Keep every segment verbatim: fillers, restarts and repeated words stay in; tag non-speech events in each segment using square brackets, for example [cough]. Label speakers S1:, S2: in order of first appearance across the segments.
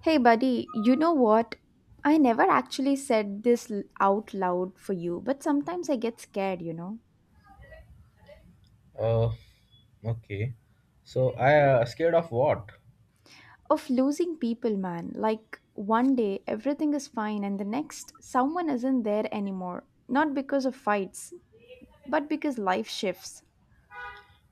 S1: Hey, buddy, you know what? I never actually said this l- out loud for you, but sometimes I get scared, you know,
S2: Uh, okay. So I uh, scared of what?
S1: of losing people, man. Like, one day everything is fine, and the next, someone isn't there anymore. Not because of fights, but because life shifts.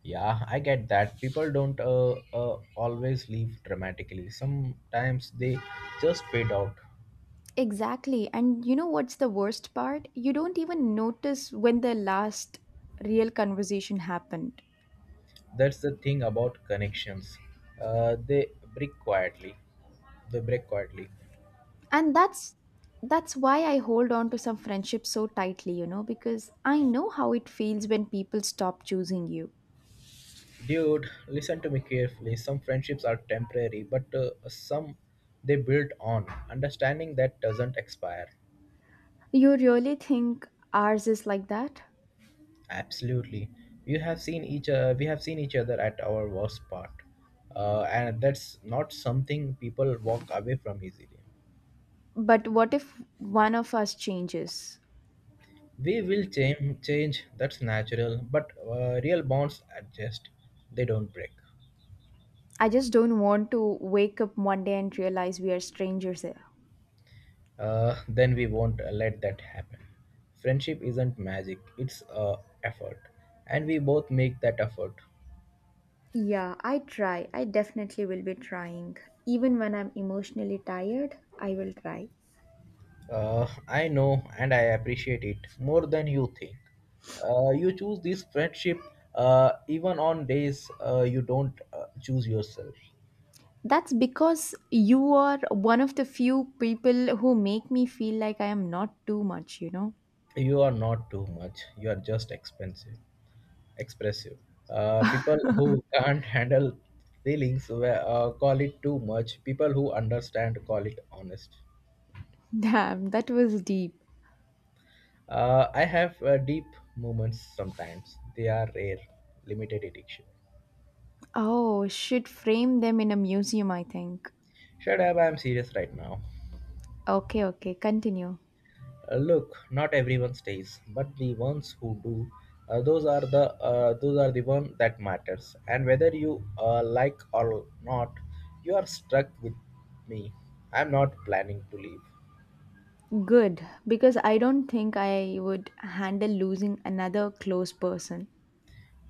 S2: Yeah, I get that. People don't uh, uh, always leave dramatically. Sometimes they just fade out.
S1: Exactly. And you know what's the worst part? You don't even notice when the last real conversation happened.
S2: That's the thing about connections. Uh, they break quietly. They break quietly.
S1: And that's that's why I hold on to some friendships so tightly, you know because I know how it feels when people stop choosing you.
S2: Dude, listen to me carefully. Some friendships are temporary, but uh, some they build on. Understanding that doesn't expire.
S1: You really think ours is like that?
S2: Absolutely. We have seen each uh, we have seen each other at our worst part. Uh, and that's not something people walk away from easily.
S1: But what if one of us changes?
S2: We will change, change that's natural, but uh, real bonds adjust, they don't break.
S1: I just don't want to wake up one day and realize we are strangers here.
S2: Uh, then we won't uh, let that happen. Friendship isn't magic, it's uh, effort, and we both make that effort.
S1: Yeah, i try i definitely will be trying. Even when I'm emotionally tired, I will try.
S2: Uh, I know and I appreciate it more than you think. Uh, you choose this friendship uh, even on days uh, you don't uh, choose yourself.
S1: That's because you are one of the few people who make me feel like I am not too much, you know?
S2: You are not too much, you are just expensive, expressive. Uh, people who can't handle feelings uh, call it too much, people who understand call it honest.
S1: [laughs] Damn, that was deep.
S2: Uh, I have uh, deep moments sometimes, they are rare, limited addiction.
S1: Oh, should frame them in a museum, I think.
S2: Shut up, I'm serious right now.
S1: Okay, okay, continue.
S2: Uh, look, not everyone stays, but the ones who do, uh, those are the uh, those are the one that matters. And whether you uh, like or not, you are stuck with me. I'm not planning to leave.
S1: Good, because I don't think I would handle losing another close person.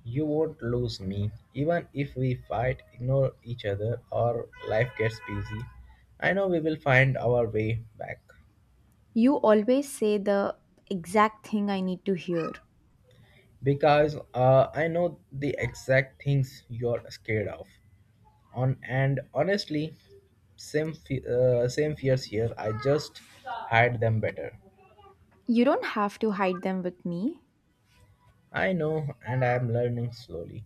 S2: You won't lose me, even if we fight, ignore each other, or life gets busy. I know we will find our way back
S1: You always say the exact thing I need to hear.
S2: because uh, I know the exact things you're scared of. On and honestly, same fe- uh, same fears here, I just hide them better.
S1: You don't have to hide them with me.
S2: I know and I am learning slowly.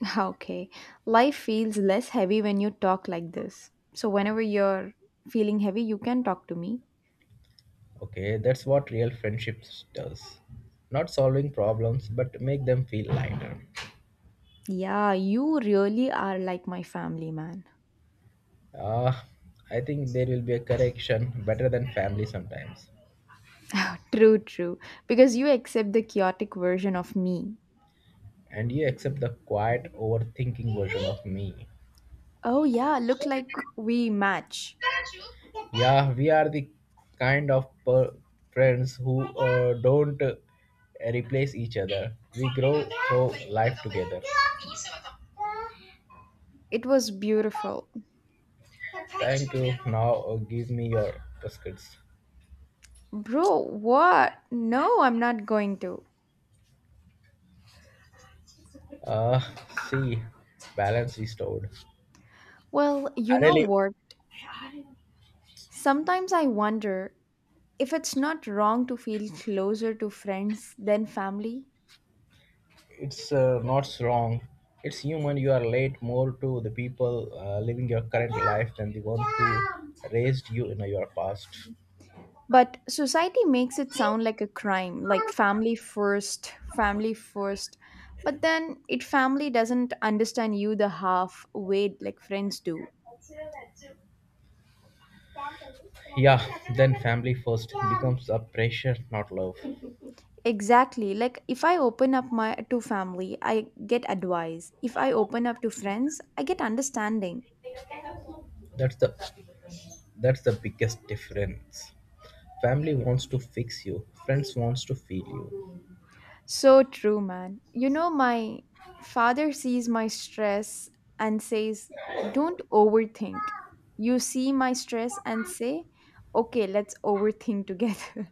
S1: [laughs] Okay. Life feels less heavy when you talk like this. So, whenever you're feeling heavy, you can talk to me.
S2: Okay, that's what real friendships does, not solving problems but make them feel lighter.
S1: Yeah, you really are like my family, man.
S2: Ah, I think there will be a correction better than family sometimes.
S1: [laughs] True, true. Because you accept the chaotic version of me.
S2: And you accept the quiet overthinking version of me.
S1: Oh, yeah, look like we match.
S2: Yeah, we are the kind of per- friends who uh, don't uh, replace each other. We grow through life together.
S1: It was beautiful.
S2: Thank you. Now uh, give me your biscuits.
S1: Bro, what? No, I'm not going to.
S2: Uh, see, balance restored.
S1: Well, you know
S2: Really,
S1: what? Sometimes I wonder if it's not wrong to feel closer to friends than family.
S2: it's uh, not wrong. It's human. You are late more to the people uh, living your current life than the one who raised you in your past.
S1: But society makes it sound like a crime, like family first, family first. But then it family doesn't understand you the half way like friends do.
S2: Yeah, then family first becomes a pressure, not love.
S1: Exactly. Like if I open up my to family, I get advice. If I open up to friends, I get understanding.
S2: That's the that's the biggest difference. Family wants to fix you, friends wants to feel you.
S1: So true, man. You know, my father sees my stress and says, Don't overthink. You see my stress and say, Okay, let's overthink [laughs] together.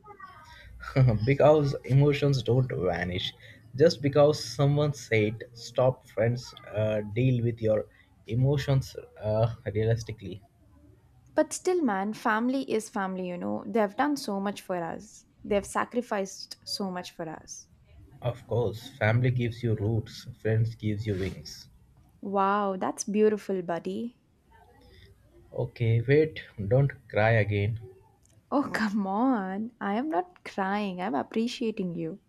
S2: [laughs] Because emotions don't vanish. Just because someone said stop friends uh, deal with your emotions uh, realistically.
S1: But still, man, family is family, you know. They've done so much for us, they've sacrificed so much for us.
S2: Of course, family gives you roots, friends gives you wings.
S1: Wow, that's beautiful, buddy.
S2: Okay, wait, don't cry again.
S1: Oh, come on. I am not crying, I'm appreciating you.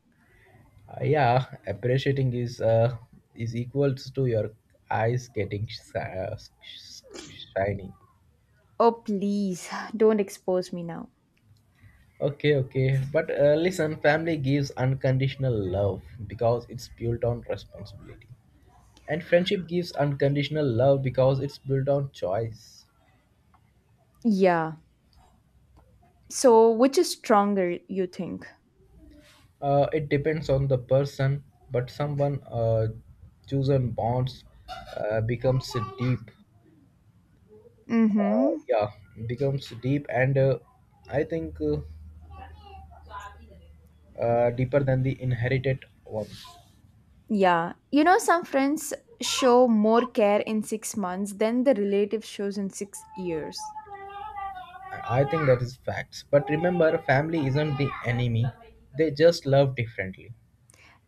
S2: Uh, yeah, appreciating is uh, is equals to your eyes getting sh- uh, sh- shiny.
S1: Oh, please, don't expose me now.
S2: Okay, okay, but uh, listen, family gives unconditional love because it's built on responsibility, and friendship gives unconditional love because it's built on choice.
S1: Yeah. So, which is stronger, you think?
S2: Uh, it depends on the person, but someone uh, chosen bonds uh, becomes deep,
S1: Mm
S2: uh,
S1: hmm.
S2: yeah becomes deep and uh, I think uh, uh, deeper than the inherited one.
S1: Yeah. You know, some friends show more care in six months than the relative shows in six years.
S2: I I think that is facts, but remember family isn't the enemy, they just love differently.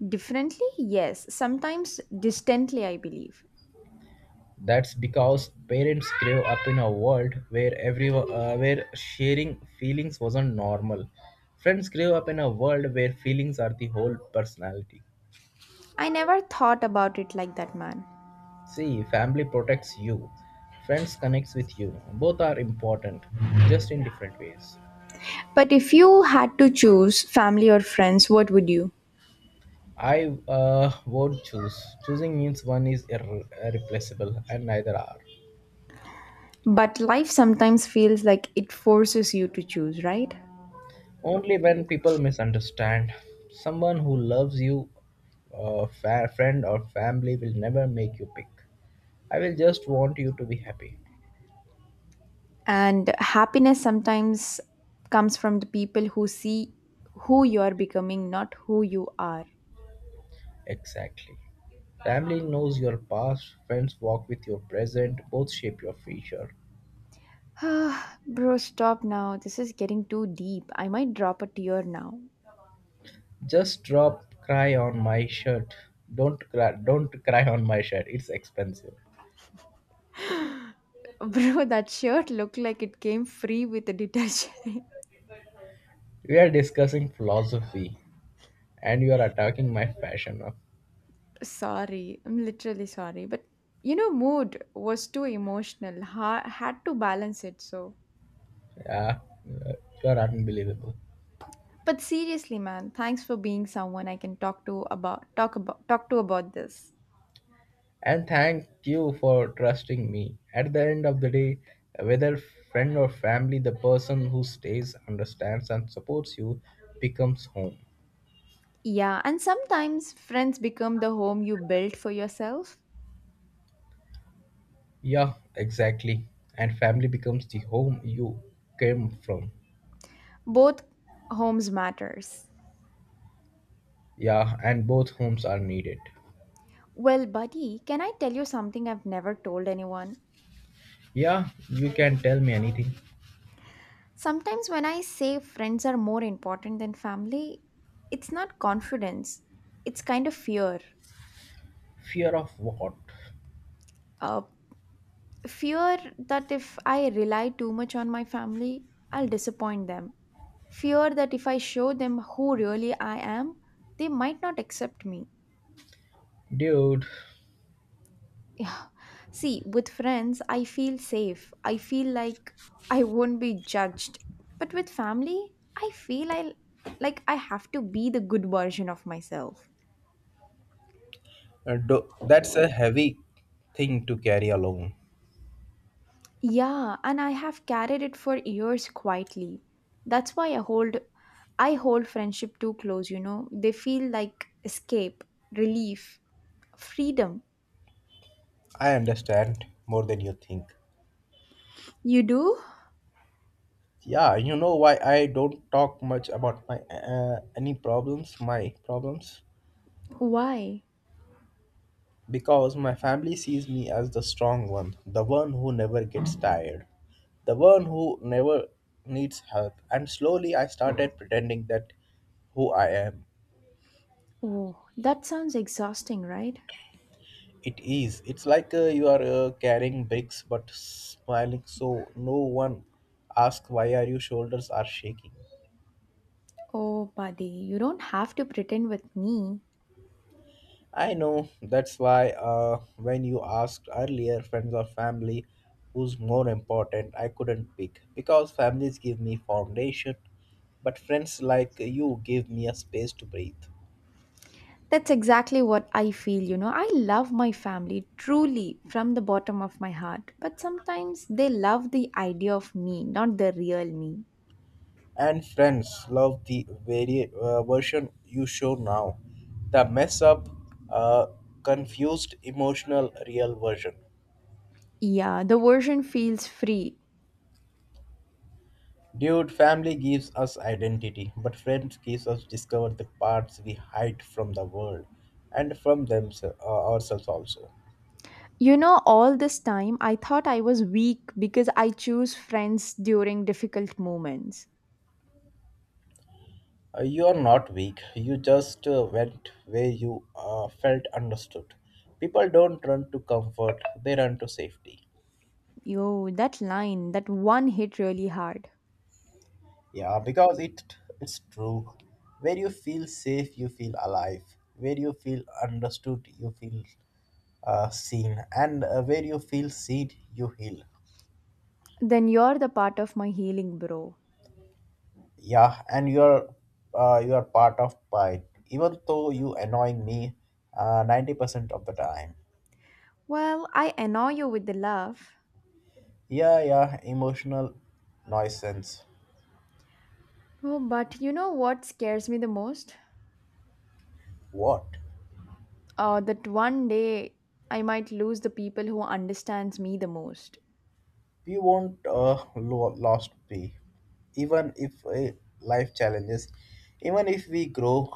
S1: Differently? Yes, sometimes distantly, I believe.
S2: That's because parents grew up in a world where every uh, where sharing feelings wasn't normal. Friends grew up in a world where feelings are the whole personality.
S1: I never thought about it like that, man.
S2: See, family protects you, friends connects with you. Both are important, just in different ways.
S1: But if you had to choose family or friends, what would you?
S2: I uh, won't choose. Choosing means one is irre- irreplaceable and neither are.
S1: But life sometimes feels like it forces you to choose, right?
S2: Only when people misunderstand, someone who loves you, a fa- friend or family will never make you pick. I will just want you to be happy.
S1: And happiness sometimes comes from the people who see who you are becoming, not who you are. [sighs]
S2: Exactly. Family knows your past, friends walk with your present, both shape your future.
S1: Ah, Bro, stop now. This is getting too deep. I might drop a tear now.
S2: Just drop cry on my shirt. Don't cry, don't cry on my shirt. It's expensive.
S1: [laughs] Bro, that shirt looked like it came free with the detergent. [laughs]
S2: We are discussing philosophy, and you are attacking my fashion.
S1: Sorry, I'm literally sorry, but you know, mood was too emotional. Ha- had to balance it, so.
S2: Yeah, you are unbelievable.
S1: But seriously, man, thanks for being someone I can talk to about talk about talk to about this.
S2: And thank you for trusting me. At the end of the day, whether friend or family, the person who stays, understands, and supports you becomes home.
S1: Yeah, and sometimes friends become the home you build for yourself.
S2: Yeah, exactly. And family becomes the home you came from.
S1: Both homes matters.
S2: Yeah, and both homes are needed.
S1: Well, buddy, can I tell you something I've never told anyone?
S2: Yeah, you can tell me anything.
S1: Sometimes when I say friends are more important than family, it's not confidence. It's kind of fear.
S2: Fear of what?
S1: Uh, Fear that if I rely too much on my family, I'll disappoint them. Fear that if I show them who really I am, they might not accept me.
S2: Dude.
S1: Yeah. See, with friends, I feel safe. I feel like I won't be judged. But with family, I feel I like I have to be the good version of myself.
S2: Uh, do- that's a heavy thing to carry alone.
S1: Yeah, and I have carried it for years quietly. That's why I hold I hold friendship too close, you know. They feel like escape, relief, freedom.
S2: I understand more than you think.
S1: You do?
S2: Yeah, you know why I don't talk much about my uh, any problems, my problems,
S1: Why?
S2: because my family sees me as the strong one, the one who never gets tired, the one who never needs help. And slowly I started pretending that who I am.
S1: Oh, that sounds exhausting, right?
S2: It is. It's like uh, you are uh, carrying bricks but smiling so no one asks why are your shoulders are shaking.
S1: Oh, buddy, you don't have to pretend with me.
S2: I know. That's why uh, when you asked earlier friends or family who's more important, I couldn't pick because families give me foundation but friends like you give me a space to breathe.
S1: That's exactly what I feel, you know. I love my family truly from the bottom of my heart, but sometimes they love the idea of me, not the real me.
S2: And friends love the vari- uh, version you show now, the mess up, uh, confused emotional real version.
S1: Yeah, the version feels free.
S2: Dude, family gives us identity but friends gives us discover the parts we hide from the world and from themselves, uh, ourselves also.
S1: You know, all this time I thought I was weak because I choose friends during difficult moments.
S2: Uh, you are not weak, you just uh, went where you uh, felt understood. People don't run to comfort, they run to safety.
S1: Yo, that line, that one hit really hard.
S2: Yeah, because it it's true. Where you feel safe, you feel alive. Where you feel understood, you feel uh, seen, and uh, where you feel seen, you heal.
S1: Then you're the part of my healing, bro.
S2: Yeah, and you're uh, you're part of pride, even though you annoying me uh, ninety percent of the time.
S1: Well, I annoy you with the love.
S2: Yeah, yeah, emotional nuisance.
S1: Oh, but you know what scares me the most?
S2: What?
S1: Uh, that one day I might lose the people who understands me the most.
S2: We won't uh, lo- lost be, even if uh, life challenges, even if we grow,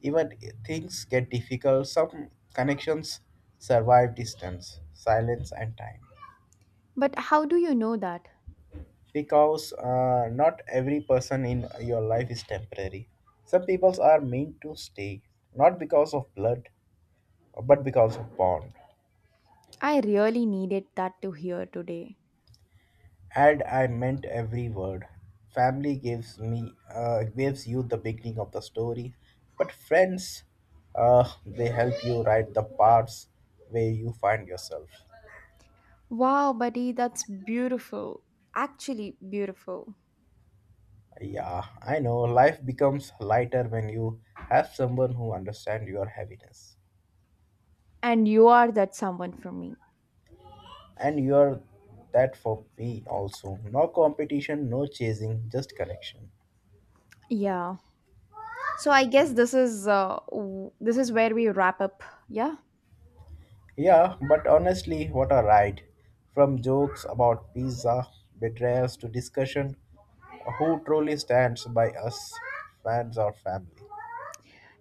S2: even i- things get difficult. Some connections survive distance, silence, and time.
S1: But how do you know that?
S2: Because uh, not every person in your life is temporary. Some people are meant to stay, not because of blood, but because of bond.
S1: I really needed that to hear today.
S2: And I meant every word. Family gives me uh, Gives you the beginning of the story, but friends, uh, they help you write the parts where you find yourself.
S1: Wow, buddy, that's beautiful. Actually, beautiful.
S2: Yeah, I know life becomes lighter when you have someone who understands your heaviness.
S1: And you are that someone for me.
S2: And you are that for me also. No competition, no chasing, just connection.
S1: Yeah. So I guess this is uh, w- this is where we wrap up. Yeah.
S2: Yeah, but honestly, what a ride. From jokes about pizza, betrayals to discussion, who truly stands by us, fans or family?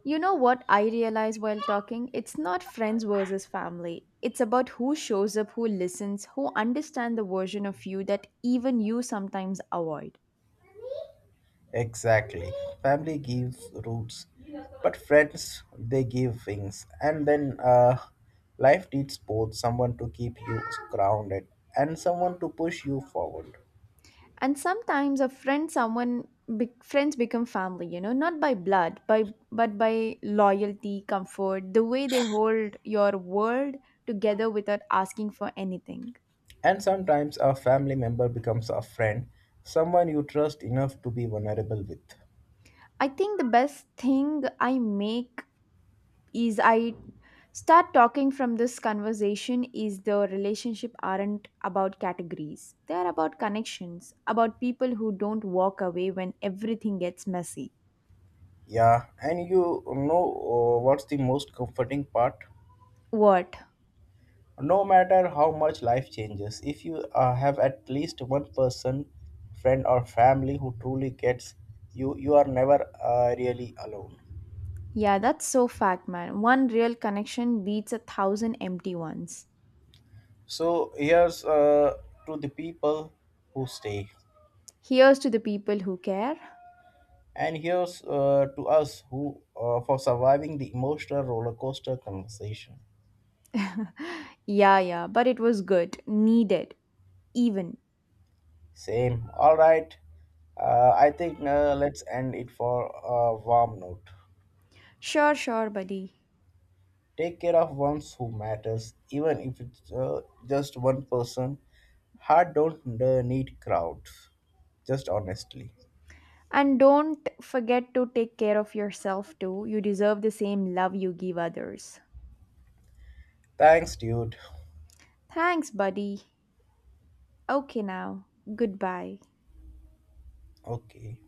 S1: You know what I realize while talking? It's not friends versus family. It's about who shows up, who listens, who understand the version of you that even you sometimes avoid.
S2: Exactly. Family gives roots, but friends, they give wings. And then uh, life needs both someone to keep you grounded and someone to push you forward.
S1: And sometimes a friend someone be- friends become family, you know not by blood, by but by loyalty, comfort, the way they hold your world together without asking for anything.
S2: And sometimes a family member becomes a friend, someone you trust enough to be vulnerable with.
S1: I think the best thing I make is I start talking from this conversation is the relationship aren't about categories. They are about connections, about people who don't walk away when everything gets messy.
S2: Yeah, and you know uh, what's the most comforting part?
S1: What?
S2: No matter how much life changes, if you uh, have at least one person, friend or family who truly gets you, you are never uh, really alone.
S1: Yeah, that's so fact, man. One real connection beats a thousand empty ones.
S2: So here's uh, to the people who stay,
S1: Here's to the people who care.
S2: and here's uh, to us who uh, for surviving the emotional roller coaster conversation.
S1: Yeah, yeah, but it was good. Needed. Even.
S2: Same. All right. Uh, I think uh, let's end it for a warm note.
S1: Sure, sure, buddy.
S2: Take care of ones who matters, even if it's uh, just one person. Heart don't uh, need crowds, just honestly.
S1: And don't forget to take care of yourself too. You deserve the same love you give others.
S2: Thanks, dude.
S1: Thanks, buddy. Okay, now. Goodbye.
S2: Okay.